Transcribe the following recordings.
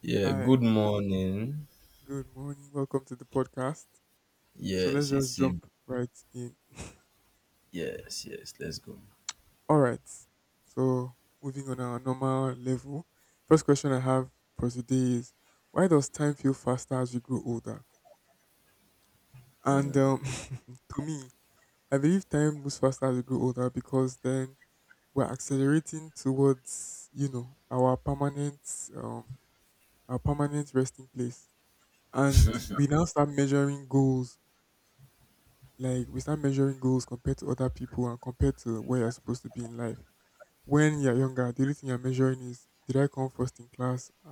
Yeah, Hi, good morning. good morning. Welcome to the podcast. So let's Yes, just it's a. jump right in. Yes, yes, let's go. All right. So moving on our normal level. First question I have for today is why does time feel faster as we grow older? And to me, I believe time moves faster as we grow older because then we're accelerating towards our permanent um resting place, and we now start measuring goals like we start measuring goals compared to other people and compared to where you're supposed to be in life. When you're younger, the only thing you're measuring is did I come first in class?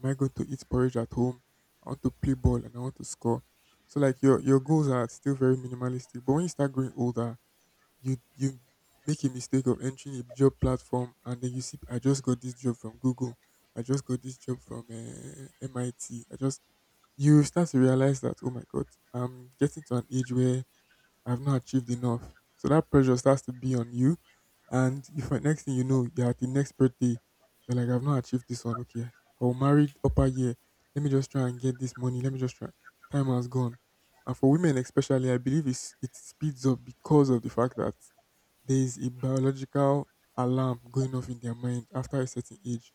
Am I going to eat porridge at home? I want to play ball and I want to score. So like your goals are still very minimalistic. But when you start growing older, you make a mistake of entering a job platform and then you see I just got this job from Google. I just got this job from MIT. I T. I just You start to realize that oh my God, I'm getting to an age where I've not achieved enough. So that pressure starts to be on you. And if next thing you know, you're at the next birthday, you're like, I've not achieved this one. Okay, I will marry upper year. Let me just try and get this money. Let me just try. Time has gone. And for women, especially, I believe it speeds up because of the fact that there is a biological alarm going off in their mind after a certain age,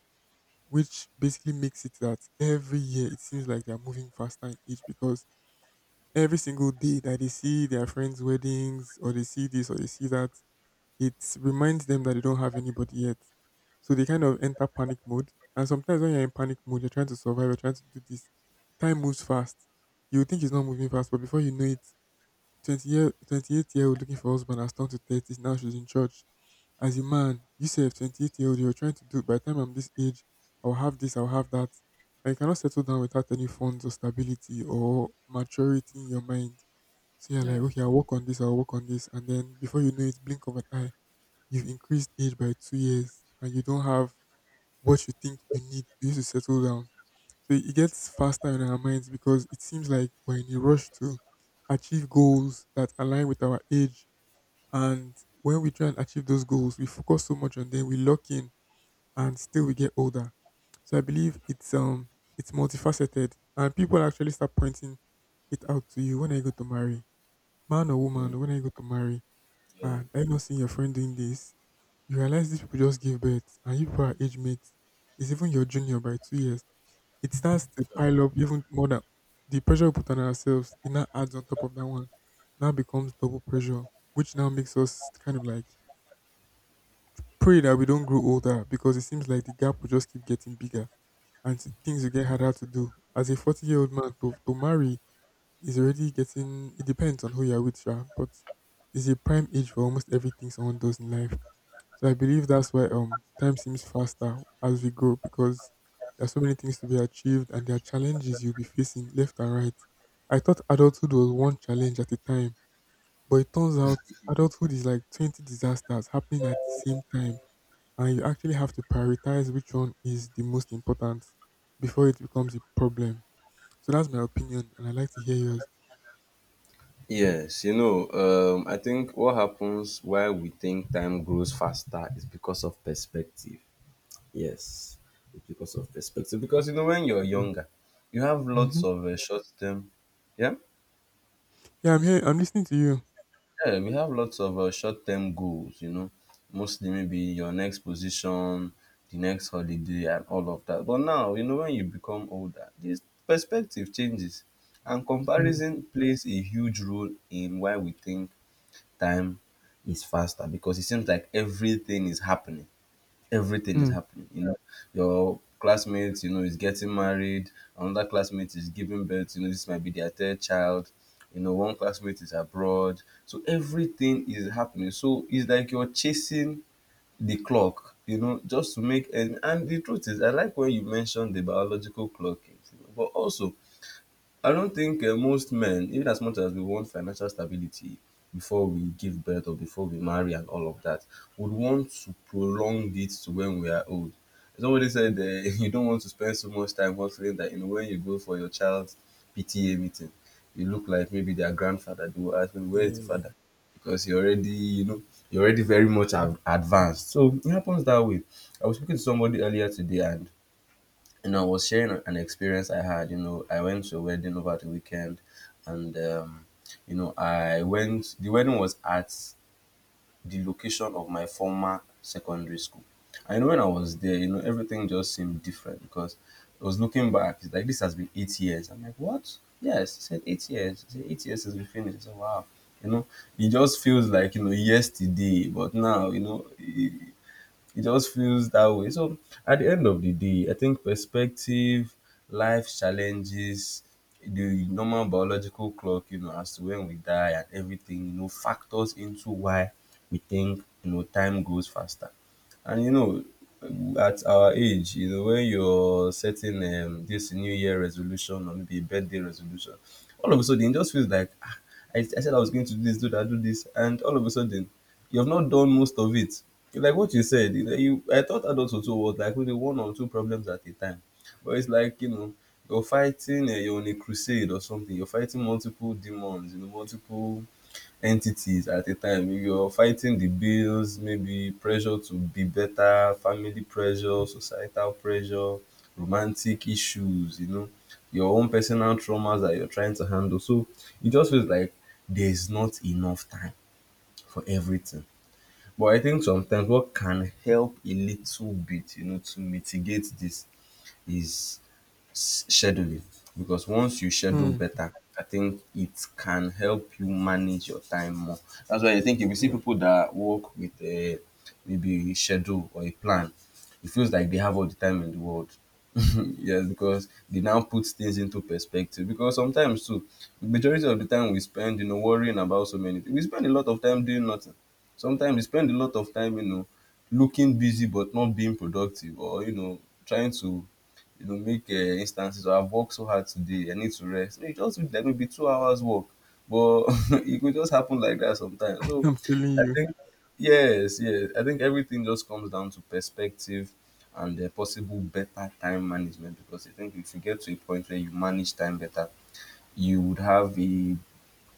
which basically makes it that every year it seems like they're moving faster in age because every single day that they see their friends' weddings or they see this or they see that, it reminds them that they don't have anybody yet. So they kind of enter panic mode. And sometimes when you're in panic mode, you're trying to survive, you're trying to do this. Time moves fast. You would think it's not moving fast, but before you know it, 28-year-old looking for husband has turned to 30. Now she's in church. As a man, you say 28-year-old, you're trying to do, by the time I'm this age, I'll have this, I'll have that. And you cannot settle down without any funds or stability or maturity in your mind. So you're like, Yeah. okay, I'll work on this, I'll work on this. And then before you know it, blink of an eye, you've increased age by 2 years and you don't have what you think you need to use to settle down. So it gets faster in our minds because it seems like we're in a rush to achieve goals that align with our age. And when we try and achieve those goals, we focus so much on them, we lock in and still we get older. So I believe it's multifaceted and people actually start pointing it out to you when are you go to marry man or Mm. woman, when I go to marry, Yeah. ah, I not seen your friend doing this. You realize these people just give birth, and you people are age mates. It's even your junior by 2 years. It starts to pile up even more than the pressure we put on ourselves. It now adds on top of that one. Now becomes double pressure, which now makes us kind of like pray that we don't grow older because it seems like the gap will just keep getting bigger and things will get harder to do. As a 40-year-old man to marry, is already getting it depends on who you're with, sure, but it's a prime age for almost everything someone does in life. So I believe that's why time seems faster as we grow because there are so many things to be achieved and there are challenges you'll be facing left and right. I thought adulthood was one challenge at a time, but it turns out adulthood is like 20 disasters happening at the same time. And you actually have to prioritize which one is the most important before it becomes a problem. So that's my opinion and I'd like to hear yours. Yes, I think what happens while we think time grows faster is because of perspective. Yes, it's because of perspective. Because, when you're younger, you have lots Mm-hmm. of short term. Yeah? Yeah, I'm here. I'm listening to you. Yeah, we have lots of short-term goals, mostly maybe your next position, the next holiday, and all of that. But now, when you become older, this perspective changes, and Mm, comparison plays a huge role in why we think time is faster because it seems like everything is mm, happening, your classmate is getting married, another classmate is giving birth, this might be their third child, one classmate is abroad, so everything is happening, so it's like you're chasing the clock, just to make. And the truth is, I like when you mentioned the biological clock, but also I don't think most men, even as much as we want financial stability before we give birth or before we marry and all of that, would want to prolong it to when we are old. Somebody said, you don't want to spend so much time hustling that, when you go for your child's PTA meeting, you look like maybe their grandfather. They will ask me where is yeah, the yeah. father, because you're already very much advanced. So it happens that way. I was speaking to somebody earlier today, and I was sharing an experience I had. I went to a wedding over the weekend, and I went. The wedding was at the location of my former secondary school. And when I was there, everything just seemed different because I was looking back. It's like this has been 8 years. I'm like, what? Yes, he said 8 years. He said 8 years since we finished. I said, wow. You know, it just feels like yesterday, but now. It just feels that way. So at the end of the day, I think perspective, life challenges, the normal biological clock, as to when we die and everything, factors into why we think, time goes faster. And at our age, when you're setting this New Year resolution or maybe a birthday resolution, all of a sudden it just feels like I said I was going to do this, do that, do this, and all of a sudden you have not done most of it. Like what you said, you know, you I thought adults also was like maybe one or two problems at a time, but it's like you're fighting, you're on a crusade or something. You're fighting multiple demons, multiple entities at a time. You're fighting the bills, maybe pressure to be better, family pressure, societal pressure, romantic issues, your own personal traumas that you're trying to handle. So it just feels like there's not enough time for everything. But I think sometimes what can help a little bit, to mitigate this is scheduling, because once you schedule Mm, better, I think it can help you manage your time more. That's why I think if you see people that work with a schedule or a plan, it feels like they have all the time in the world. Yes, because they now put things into perspective, because sometimes too, the majority of the time we spend worrying about so many things. We spend a lot of time doing nothing. Sometimes we spend a lot of time looking busy but not being productive, or trying to make instances of I've worked so hard today, I need to rest, maybe just do like maybe 2 hours work. But it could just happen like that sometimes. So I'm telling I you. think, yes, yes, I think everything just comes down to perspective and possible better time management, because I think if you get to a point where you manage time better, you would have a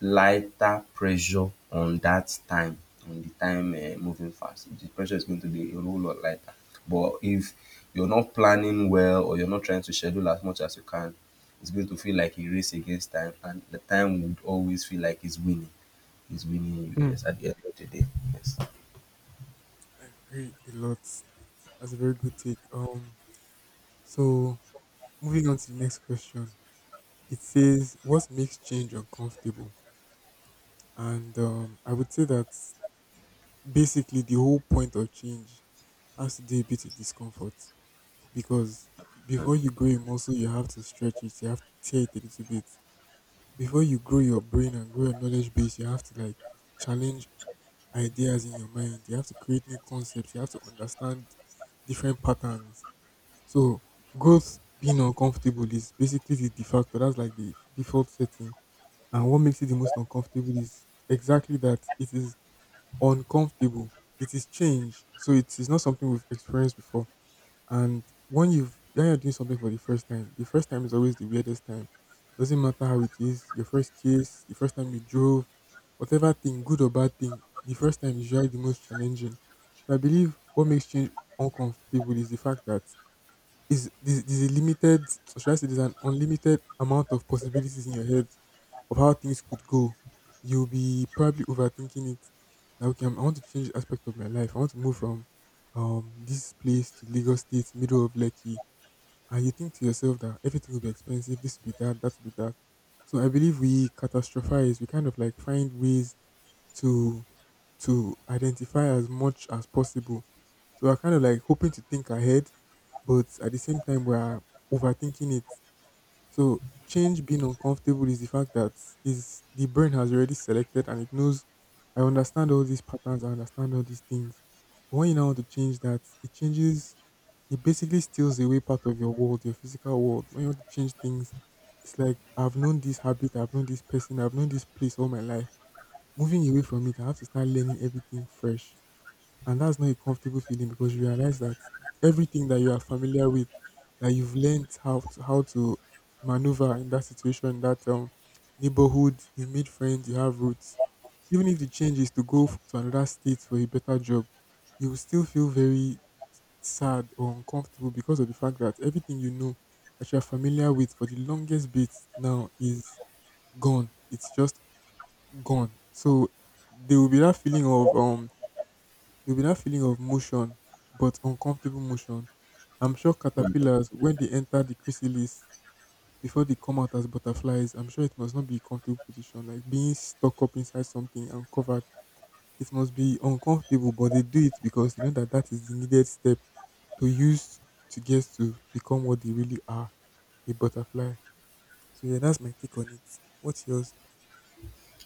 lighter pressure on the time moving fast. The pressure is going to be a whole lot lighter. But if you're not planning well or you're not trying to schedule as much as you can, it's going to feel like a race against time, and the time would always feel like it's winning. It's winning you. Mm, Yes, at the end of the day. Yes. I agree a lot. That's a very good take. So moving on to the next question. It says, "What makes change uncomfortable?" And I would say that basically the whole point of change has to do a bit with discomfort because before you grow a muscle, you have to stretch it. You have to tear it a little bit. Before you grow your brain and grow your knowledge base, you have to like challenge ideas in your mind. You have to create new concepts. You have to understand different patterns. So growth being uncomfortable is basically the de facto. That's like the default setting. And what makes it the most uncomfortable is exactly that it is uncomfortable. It is change. So it is not something we've experienced before and when you've when you're doing something for the first time is always the weirdest time. Doesn't matter how it is, your first kiss, the first time you drove, whatever thing, good or bad thing, the first time is usually the most challenging. So I believe what makes change uncomfortable is the fact that there's a limited, or should I say, there's an unlimited amount of possibilities in your head of how things could go. You'll be probably overthinking it. Now, okay, I want to change the aspect of my life. I want to move from this place to Lagos State, middle of Lekki, and you think to yourself that everything will be expensive. This will be that. That will be that. So I believe we catastrophize. We kind of like find ways to to identify as much as possible. So we're kind of like hoping to think ahead, but at the same time we're overthinking it. So change being uncomfortable is the fact that is the brain has already selected and it knows I understand all these patterns, I understand all these things. But when you now want to change that, it changes it basically steals away part of your world, your physical world. When you want to change things, it's like I've known this habit, I've known this person, I've known this place all my life. Moving away from it, I have to start learning everything fresh. And that's not a comfortable feeling because you realize that everything that you are familiar with, that you've learned how to maneuver in that situation, that neighborhood, you made friends, you have roots. Even if the change is to go to another state for a better job, you will still feel very sad or uncomfortable because of the fact that everything you know that you are familiar with for the longest bit now is gone. It's just gone. So there will be that feeling of um there will be that feeling of motion, but uncomfortable motion. I'm sure caterpillars when they enter the chrysalis before they come out as butterflies, I'm sure it must not be a comfortable position. Like being stuck up inside something and covered, it must be uncomfortable. But they do it because they know that that is the needed step to use to get to become what they really are, a butterfly. So yeah, that's my take on it. What's yours?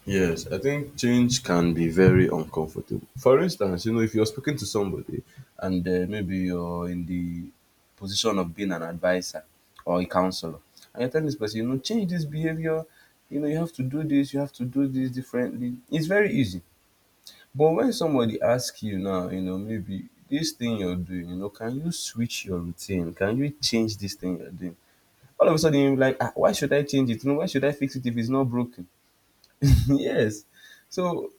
Yes, I think change can be very uncomfortable. For instance, if you're speaking to somebody and maybe you're in the position of being an advisor or a counselor, and you're telling this person, change this behavior, you have to do this, you have to do this differently, it's very easy. But when somebody asks you now, maybe this thing you're doing, can you switch your routine? Can you change this thing you're doing? All of a sudden, you're like, why should I change it? Why should I fix it if it's not broken? Yes. So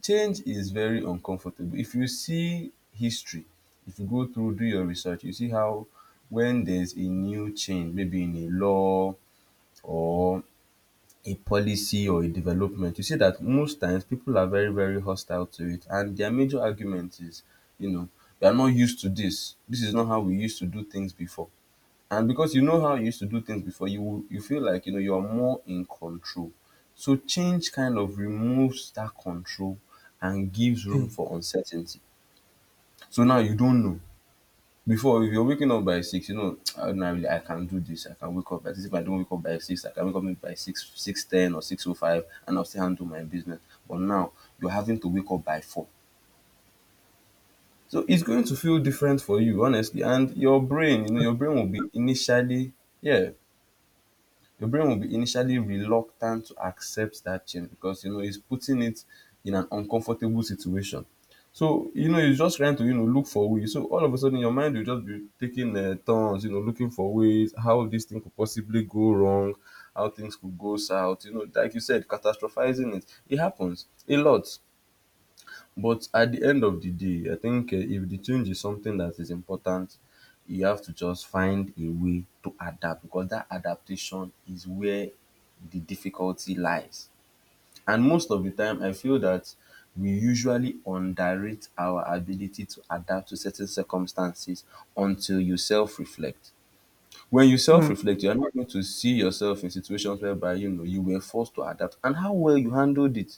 change is very uncomfortable. If you see history, if you go through, do your research, you see how when there's a new change, maybe in a law or a policy or a development, you see that most times people are very, very hostile to it. And their major argument is, you know, you are not used to this. This is not how we used to do things before. And because you know how you used to do things before, you feel like you're more in control. So change kind of removes that control and gives room Mm. for uncertainty. So now you don't know. Before, if you're waking up by 6, "Ah, nah, really, I can do this. I can wake up by 6. If I don't wake up by 6, I can wake up maybe by 6, 6:10 or 6:05, and I'll still handle my business. But now you're having to wake up by 4. So it's going to feel different for you, honestly. And your brain, you know, Uh, your brain will be initially, yeah, your brain will be initially reluctant to accept that change, because it's putting it in an uncomfortable situation. So it's just trying to look for ways. So all of a sudden your mind will just be taking turns, looking for ways how this thing could possibly go wrong, how things could go south. Like you said, catastrophizing it. It happens a lot. But at the end of the day, I think if the change is something that is important, you have to just find a way to adapt because that adaptation is where the difficulty lies. And most of the time, I feel that we usually underrate our ability to adapt to certain circumstances until you self reflect. When you self mm, reflect, you are not going to see yourself in situations whereby you were forced to adapt and how well you handled it.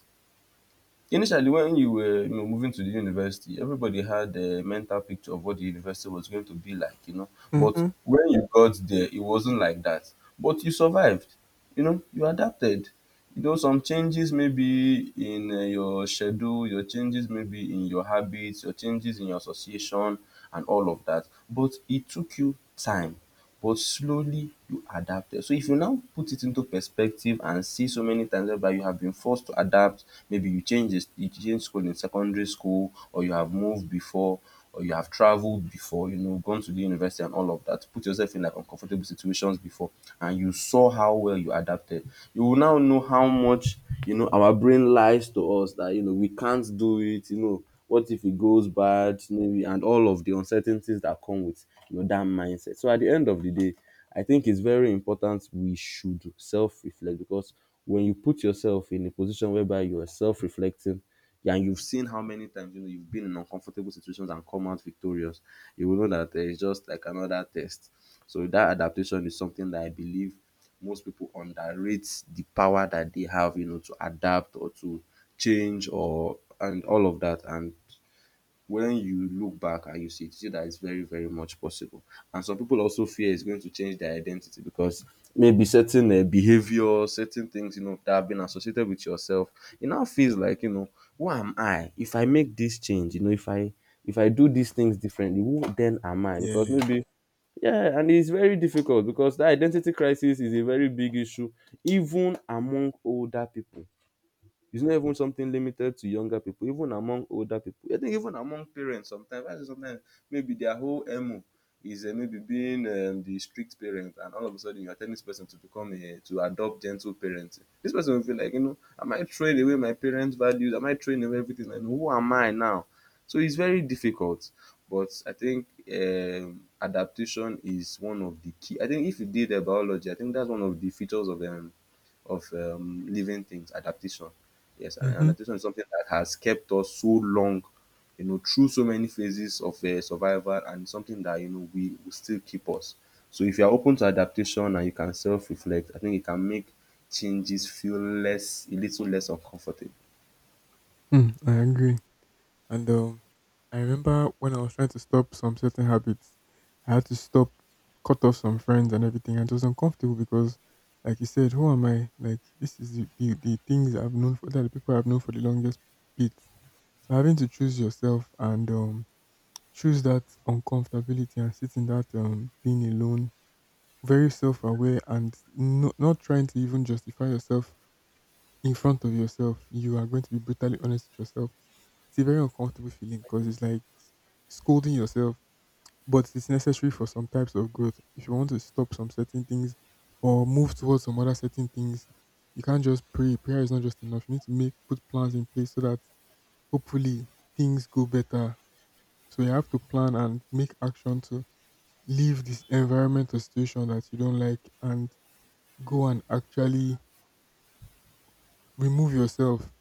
Initially, when you were moving to the university, everybody had a mental picture of what the university was going to be like. But mhm. when you got there, it wasn't like that. But you survived, you adapted. Some changes maybe in your schedule, your changes maybe in your habits, your changes in your association, and all of that. But it took you time, but slowly you adapted. So if you now put it into perspective and see so many times whereby you have been forced to adapt, maybe you change, this, you change school in secondary school, or you have moved before or you have traveled before, gone to the university and all of that, put yourself in like uncomfortable situations before, and you saw how well you adapted, you will now know how much, our brain lies to us that, we can't do it, what if it goes bad, maybe, and all of the uncertainties that come with, that mindset. So at the end of the day, I think it's very important we should self reflect because when you put yourself in a position whereby you are self reflecting, yeah, and you've seen how many times you've been in uncomfortable situations and come out victorious. You will know that it's just like another test. So that adaptation is something that I believe most people underrate the power that they have, you know, to adapt or to change or and all of that. And when you look back and you see it, you see that it's very, very much possible. And some people also fear it's going to change their identity because maybe certain behavior, certain things, you know, that have been associated with yourself, it now feels like, you know, who am I? If I make this change, you know, if I do these things differently, who then am I? Because Yeah. maybe yeah, and it's very difficult because that identity crisis is a very big issue, even among older people. It's not even something limited to younger people, even among older people. I think even among parents sometimes, I say sometimes maybe their whole MO is maybe being the strict parent, and all of a sudden you are telling this person to become a, to adopt gentle parenting. This person will feel like, you know, am I throwing away my parents' values? Am I throwing away everything? And who am I now? So it's very difficult. But I think adaptation is one of the key. I think if you did the biology, I think that's one of the features of living things, adaptation. Yes, and Mm-hmm. adaptation is something that has kept us so long, you know, through so many phases of survival and something that, you know, we will still keep us. So if you're open to adaptation and you can self reflect, I think it can make changes feel less, a little less uncomfortable. Hmm, I agree. And I remember when I was trying to stop some certain habits, I had to stop, cut off some friends and everything. And it was uncomfortable because, like you said, who am I? Like, this is the things I've known for, that the people I've known for the longest bit. So having to choose yourself and choose that uncomfortability and sit in that being alone, very self-aware and no, not trying to even justify yourself in front of yourself. You are going to be brutally honest with yourself. It's a very uncomfortable feeling because it's like scolding yourself, but it's necessary for some types of growth. If you want to stop some certain things or move towards some other certain things, you can't just pray. Prayer is not just enough. You need to make put plans in place so that hopefully things go better. So you have to plan and make action to leave this environment or situation that you don't like and go and actually remove yourself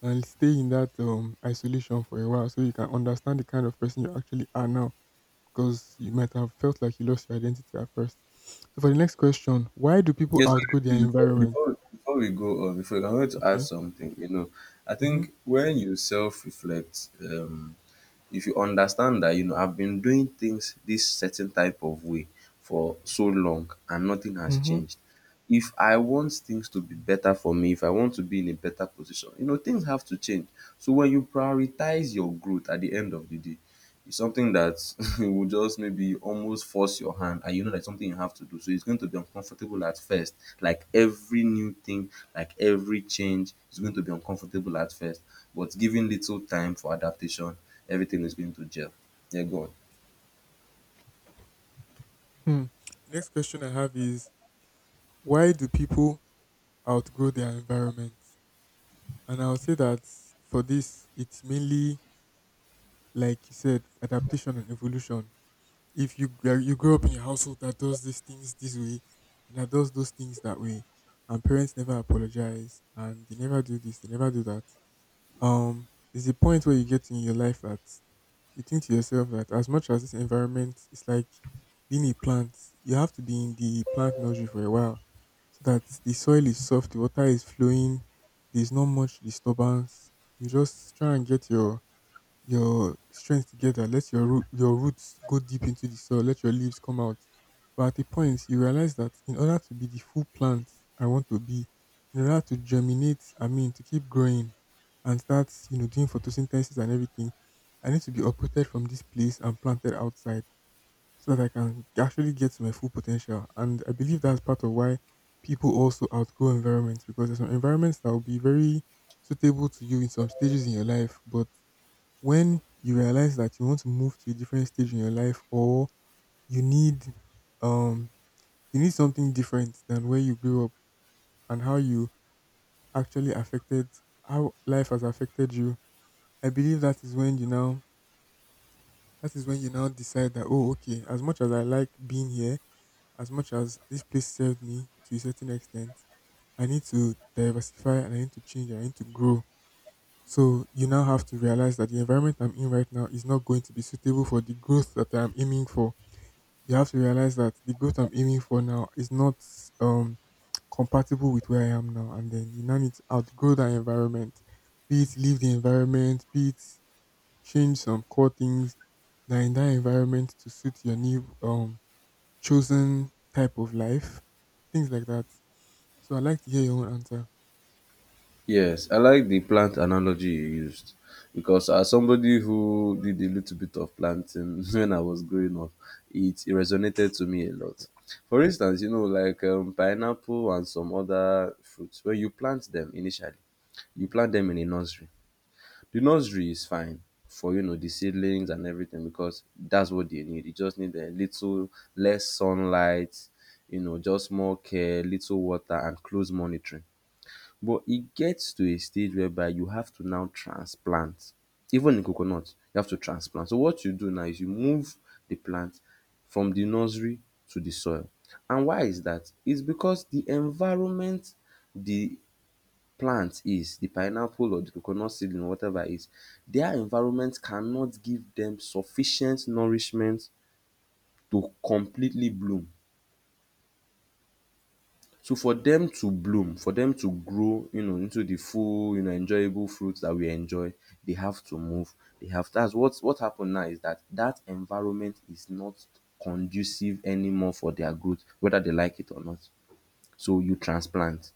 and stay in that isolation for a while so you can understand the kind of person you actually are now because you might have felt like you lost your identity at first. So for the next question, why do people Yes, outgrow their sorry, before, environment? before, before we go on, before I want to add Okay. something, you know, I Mm-hmm. think when you self reflect, if you understand that you know I've been doing things this certain type of way for so long and nothing has Mm-hmm. changed. If I want things to be better for me, if I want to be in a better position, you know, things have to change. So when you prioritize your growth at the end of the day, it's something that will just maybe almost force your hand, and you know that's something you have to do. So it's going to be uncomfortable at first. Like every new thing, like every change is going to be uncomfortable at first. But given little time for adaptation, everything is going to gel. Yeah, go on. Hmm. The next question I have is why do people outgrow their environment? And I'll say that for this, it's mainly like you said, adaptation and evolution. If you gr- you grow up in a household that does these things this way and that does those things that way, and parents never apologize and they never do this, they never do that. um there's a point where you get in your life that you think to yourself that as much as this environment is like being a plant, you have to be in the plant nursery for a while so that the soil is soft, the water is flowing, there's not much disturbance. You just try and get your strength together. Let your your roots go deep into the soil. Let your leaves come out. But at the point, you realize that in order to be the full plant I want to be, in order to germinate, I mean to keep growing, and start doing photosynthesis and everything, I need to be uprooted from this place and planted outside so that I can actually get to my full potential. And I believe that's part of why people also outgrow environments because there's some environments that will be very suitable to you in some stages in your life, but when you realize that you want to move to a different stage in your life or you need um you need something different than where you grew up and how you actually affected how life has affected you, I believe that is when you now decide that, oh, okay, as much as I like being here, as much as this place served me to a certain extent, I need to diversify and I need to change, I need to grow. So you now have to realize that the environment I'm in right now is not going to be suitable for the growth that I'm aiming for. You have to realize that the growth I'm aiming for now is not um compatible with where I am now. And then you now need to outgrow that environment, be it leave the environment, be it change some core things that are in that environment to suit your new chosen type of life, things like that. So I'd like to hear your own answer. Yes, I like the plant analogy you used because as somebody who did a little bit of planting when I was growing up, it resonated to me a lot. For instance, you know, like pineapple and some other fruits, when you plant them initially, you plant them in a nursery. The nursery is fine for you know the seedlings and everything because that's what they need. You just need a little less sunlight, you know, just more care, little water, and close monitoring. But e get to a stage whereby you have to now transplant. Even in coconut, you have to transplant. So what you do now is you move the plant from the nursery to the soil. And why is that? It's because the environment the plant is, the pineapple or the coconut seedling or whatever is, their environment cannot give dem sufficient nourishment to completely bloom. So for them to bloom, for them to grow, you know, into the full, you know, enjoyable fruits that we enjoy, they have to move. They have that's what happened now is that that environment is not conducive anymore for their growth, whether they like it or not. So you transplant.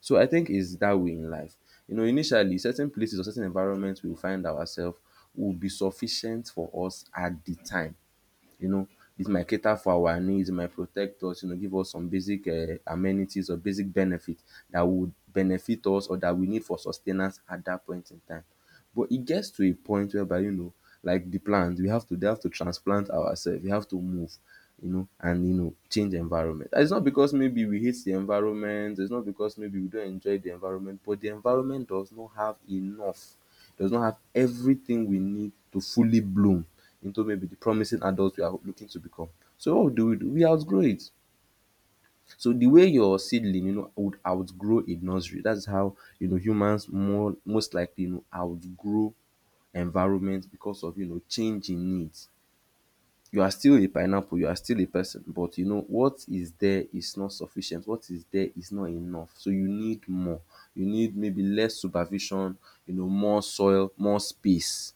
So I think it's that way in life. You know, initially, certain places or certain environments we will find ourselves will be sufficient for us at the time, you know, it might cater for our needs, it might protect us, you know, give us some basic amenities or basic benefits that would benefit us or that we need for sustenance at that point in time. But it gets to a point whereby, you know, like the plant, we have to they have to transplant ourselves, we have to move, you know, and you know, change environment. And it's not because maybe we hate the environment, it's not because maybe we don't enjoy the environment, but the environment does not have enough does not have everything we need to fully bloom into maybe the promising adults we are looking to become. So what do? We outgrow it. So the way your seedling, you know, would outgrow a nursery, that's how you know humans more most likely you know outgrow environment because of you know changing needs. You are still a pineapple, you are still a person, but you know what is there is not sufficient. What is there is not enough. So you need more. You need maybe less supervision, you know, more soil, more space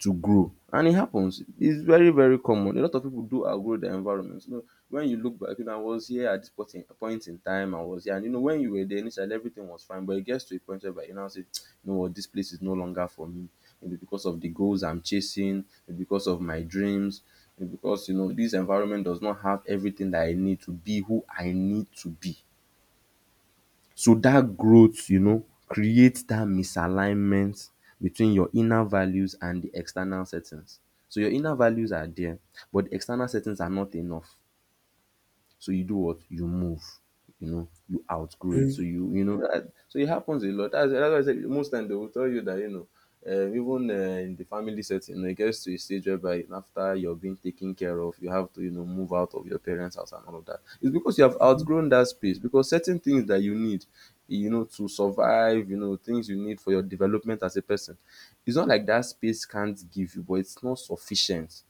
to grow, and it happens. It's very, very common. A lot of people do outgrow their environment. You know, when you look back, you know, I was here at this point in time I was here, and you know when you were there initially everything was fine, but it gets to a point where you now say, you know what, this place is no longer for me. Maybe because of the goals I'm chasing, maybe because of my dreams, maybe because you know this environment does not have everything that I need to be who I need to be. So that growth, you know, creates that misalignment between your inner values and the external settings. So your inner values are there, but the external settings are not enough. So you do what? You move. You know, you outgrow it. Very, So you know that, so it happens a lot. That's why I said most time they will tell you that you know. Even in the family setting, you know, it gets to a stage whereby after you're being taken care of, you have to, you know, move out of your parents' house and all of that. It's because you have Mhm, outgrown that space. Because certain things that you need, you know, to survive, you know, things you need for your development as a person, it's not like that space can't give you, but it's not sufficient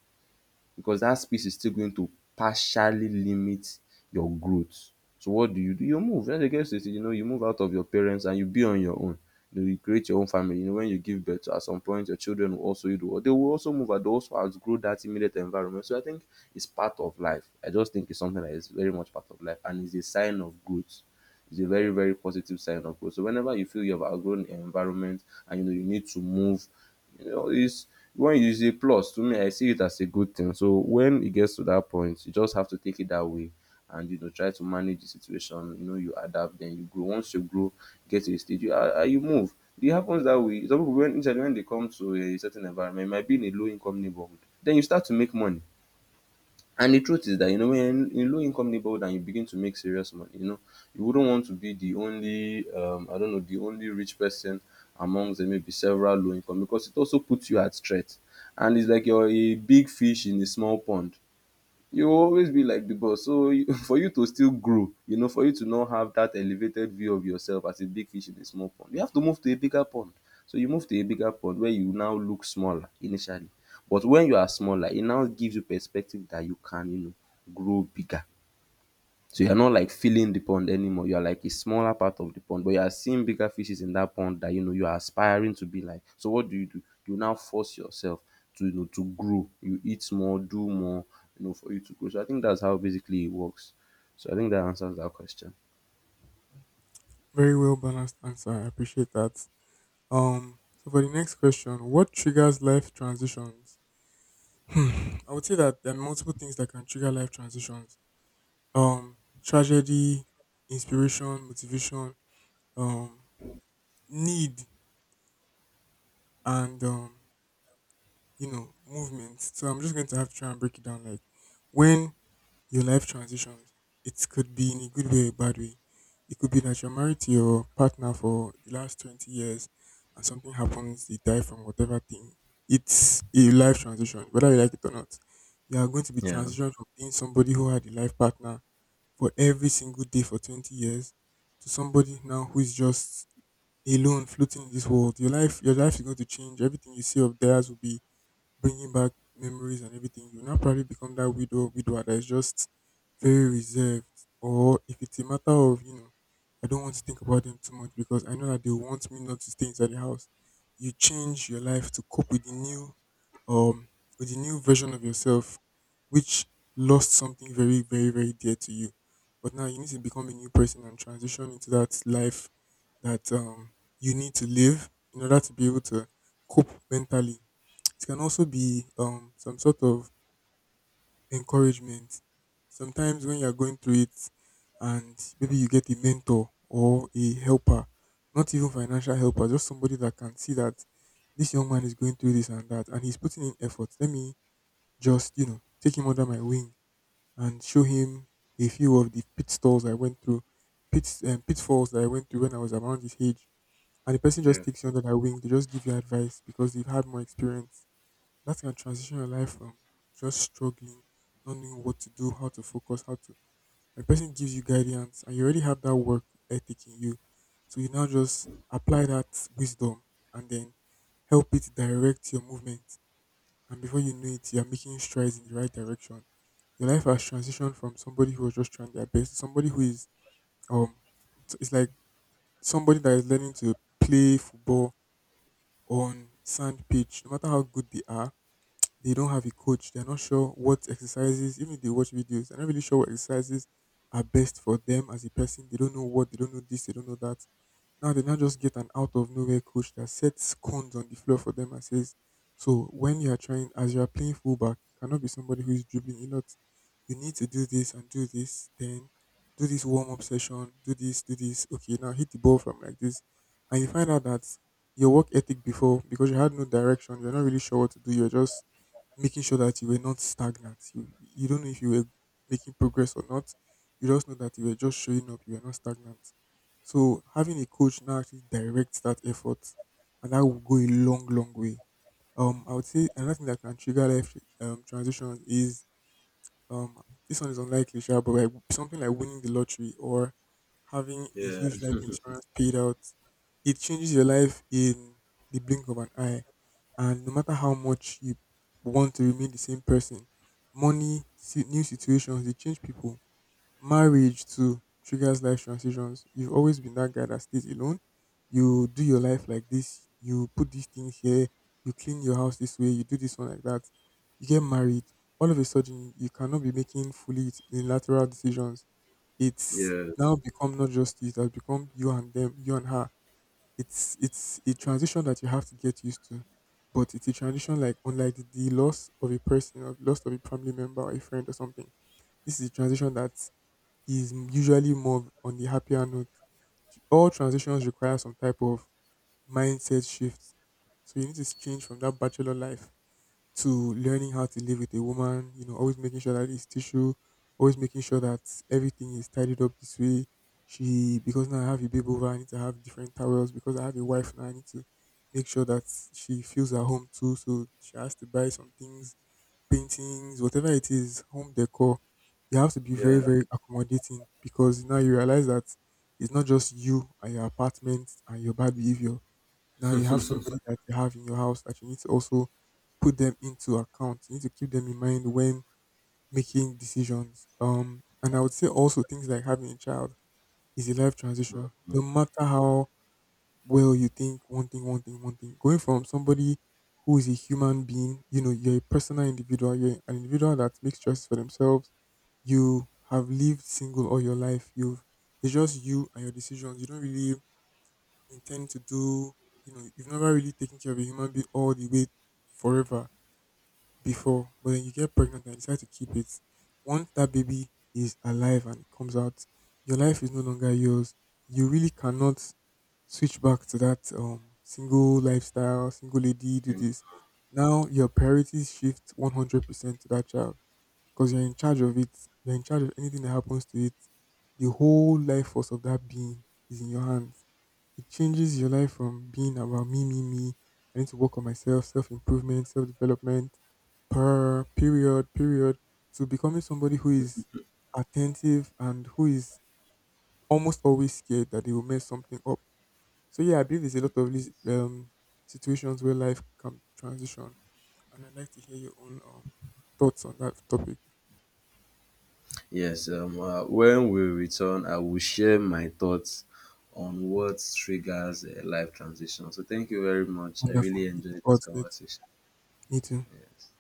because that space is still going to partially limit your growth. So what do? You move. Once you get to a stage, you know, you move out of your parents and you be on your own. You know, you create your own family. You know, when you give birth, at some point, your children will also, you know, they will also move and they also outgrow that immediate environment. So I think it's part of life. I just think it's something that is very much part of life and is a sign of growth. It's a very, very positive sign of growth. So whenever you feel you have outgrown the environment and you know you need to move, you know, it's when it's a plus to me. I see it as a good thing. So when it gets to that point, you just have to take it that way, and you know, try to manage the situation. You know, you adapt, then you grow. Once you grow, get to a stage, you you move. It happens that way. Some people when usually when they come to a certain environment, it might be in a low income neighborhood. Then you start to make money. And the truth is that you know when in low income neighborhood and you begin to make serious money, you know, you wouldn't want to be the only I don't know, the only rich person amongst the maybe several low income because it also puts you at threat. And it's like you're a big fish in a small pond. You will always be like the boss, so you, for you to still grow, you know, for you to not have that elevated view of yourself as a big fish in a small pond, you have to move to a bigger pond. So you move to a bigger pond where you now look smaller initially, but when you are smaller it now gives you perspective that you can, you know, grow bigger, so you're not like filling the pond anymore. You're like a smaller part of the pond, but you are seeing bigger fishes in that pond that you know you are aspiring to be like. So what do? You now force yourself to you know to grow. You eat more, do more, you know, for you to grow. So I think that's how basically it works. So I think that answers that question. very well balanced answer. I appreciate that. So for the next question, what triggers life transitions? Hmm. I would say that there are multiple things that can trigger life transitions. Um, tragedy, inspiration, motivation, um, need, and, you know, movement. So I'm just going to have to try and break it down. Like when your life transitions, it could be in a good way or a bad way. It could be that you're married to your partner for the last 20 years and something happens, they die from whatever thing. It's a life transition, whether you like it or not. You are going to be Yeah. transitioned from being somebody who had a life partner for every single day for 20 years to somebody now who is just alone floating in this world. Your life is going to change. Everything you see of theirs will be bringing back memories, and everything, you now probably become that widow or widower that is just very reserved. Or if it's a matter of, you know, I don't want to think about them too much because I know that they want me not to stay inside the house. You change your life to cope um with the new version of yourself which lost something very, very, very dear to you. But now you need to become a new person and transition into that life that you need to live in order to be able to cope mentally. It can also be, some sort of encouragement. Sometimes when you're going through it and maybe you get a mentor or a helper, not even financial helper, just somebody that can see that this young man is going through this and that and he's putting in effort. Let me just, you know, take him under my wing and show him a few of the pitfalls I went through, pitfalls that I went through when I was around his age. And the person Yeah. just takes you under their wing. They just give you advice because they've had more experience that can transition your life from just struggling, not knowing what to do, how to focus, how to. When a person gives you guidance and you already have that work ethic in you. So you now just apply that wisdom and then help it direct your movement. And before you know it, you're making strides in the right direction. Your life has transitioned from somebody who was just trying their best to somebody who is, um, so it's like somebody that is learning to play football on sand pitch, no matter how good they are, they don't have a coach. They're not sure what exercises, even if they watch videos, they're not really sure what exercises are best for them as a person. They don't know this, they don't know that. Now they now just get an out of nowhere coach that sets cons on the floor for them and says, "So when you are trying, as you are playing fullback, you cannot be somebody who is dribbling a lot. You need to do this and do this. Then do this warm up session. Do this, do this. Okay, now hit the ball from like this." And you find out that your work ethic before, because you had no direction, you're not really sure what to do. You're just making sure that you were not stagnant. You don't know if you were making progress or not. You just know that you were just showing up. You were not stagnant. So having a coach now actually directs that effort, and that will go a long, long way. I would say another thing that can trigger life transitions is, um, this one is unlikely, sure, but like something like winning the lottery or having a huge life insurance paid out. It changes your life in the blink of an eye, and no matter how much you want to remain the same person, money, new situations, they change people. Marriage too triggers life transitions. You've always been that guy that stays alone. You do your life like this. You put these things here. You clean your house this way. You do this one like that. You get married. All of a sudden, you cannot be making fully unilateral decisions. It's Yes. now become not just you. It has become you and them, you and her. It's a transition that you have to get used to. But it's a transition like unlike the loss of a person or loss of a family member or a friend or something. This is a transition that is usually more on the happier note. All transitions require some type of mindset shift. So you need to change from that bachelor life to learning how to live with a woman, you know, always making sure that it's tissue, always making sure that everything is tidied up this way. She, because now I have a baby over, I need to have different towels because I have a wife now, I need to make sure that she feels at home too. So she has to buy some things, paintings, whatever it is, home decor. You have to be very, very accommodating because now you realize that it's not just you and your apartment and your bad behavior. Now you have somebody that you have in your house that you need to also put them into account. You need to keep them in mind when making decisions. And I would say also things like having a child is a life transition. No matter how well, you think one thing. Going from somebody who is a human being, you know, you're a personal individual, you're an individual that makes choices for themselves. You have lived single all your life. You've it's just you and your decisions. You don't really intend to do, you know, you've never really taken care of a human being all the way forever before, but then you get pregnant and decide to keep it. Once that baby is alive and it comes out, your life is no longer yours. You really cannot switch back to that, single lifestyle, single lady, do this. Now your priorities shift 100% to that child because you're in charge of it. You're in charge of anything that happens to it. The whole life force of that being is in your hands. It changes your life from being about me, me, me. I need to work on myself, self improvement, self development, period, period, to becoming somebody who is attentive and who is almost always scared that they will mess something up. So yeah, I believe there's a lot of these situations where life can transition, and I'd like to hear your own, um, thoughts on that topic. Yes. When we return, I will share my thoughts on what triggers a life transition. So thank you very much. I Wonderful. really Looking enjoyed this forward to it. conversation. Me too. Yes.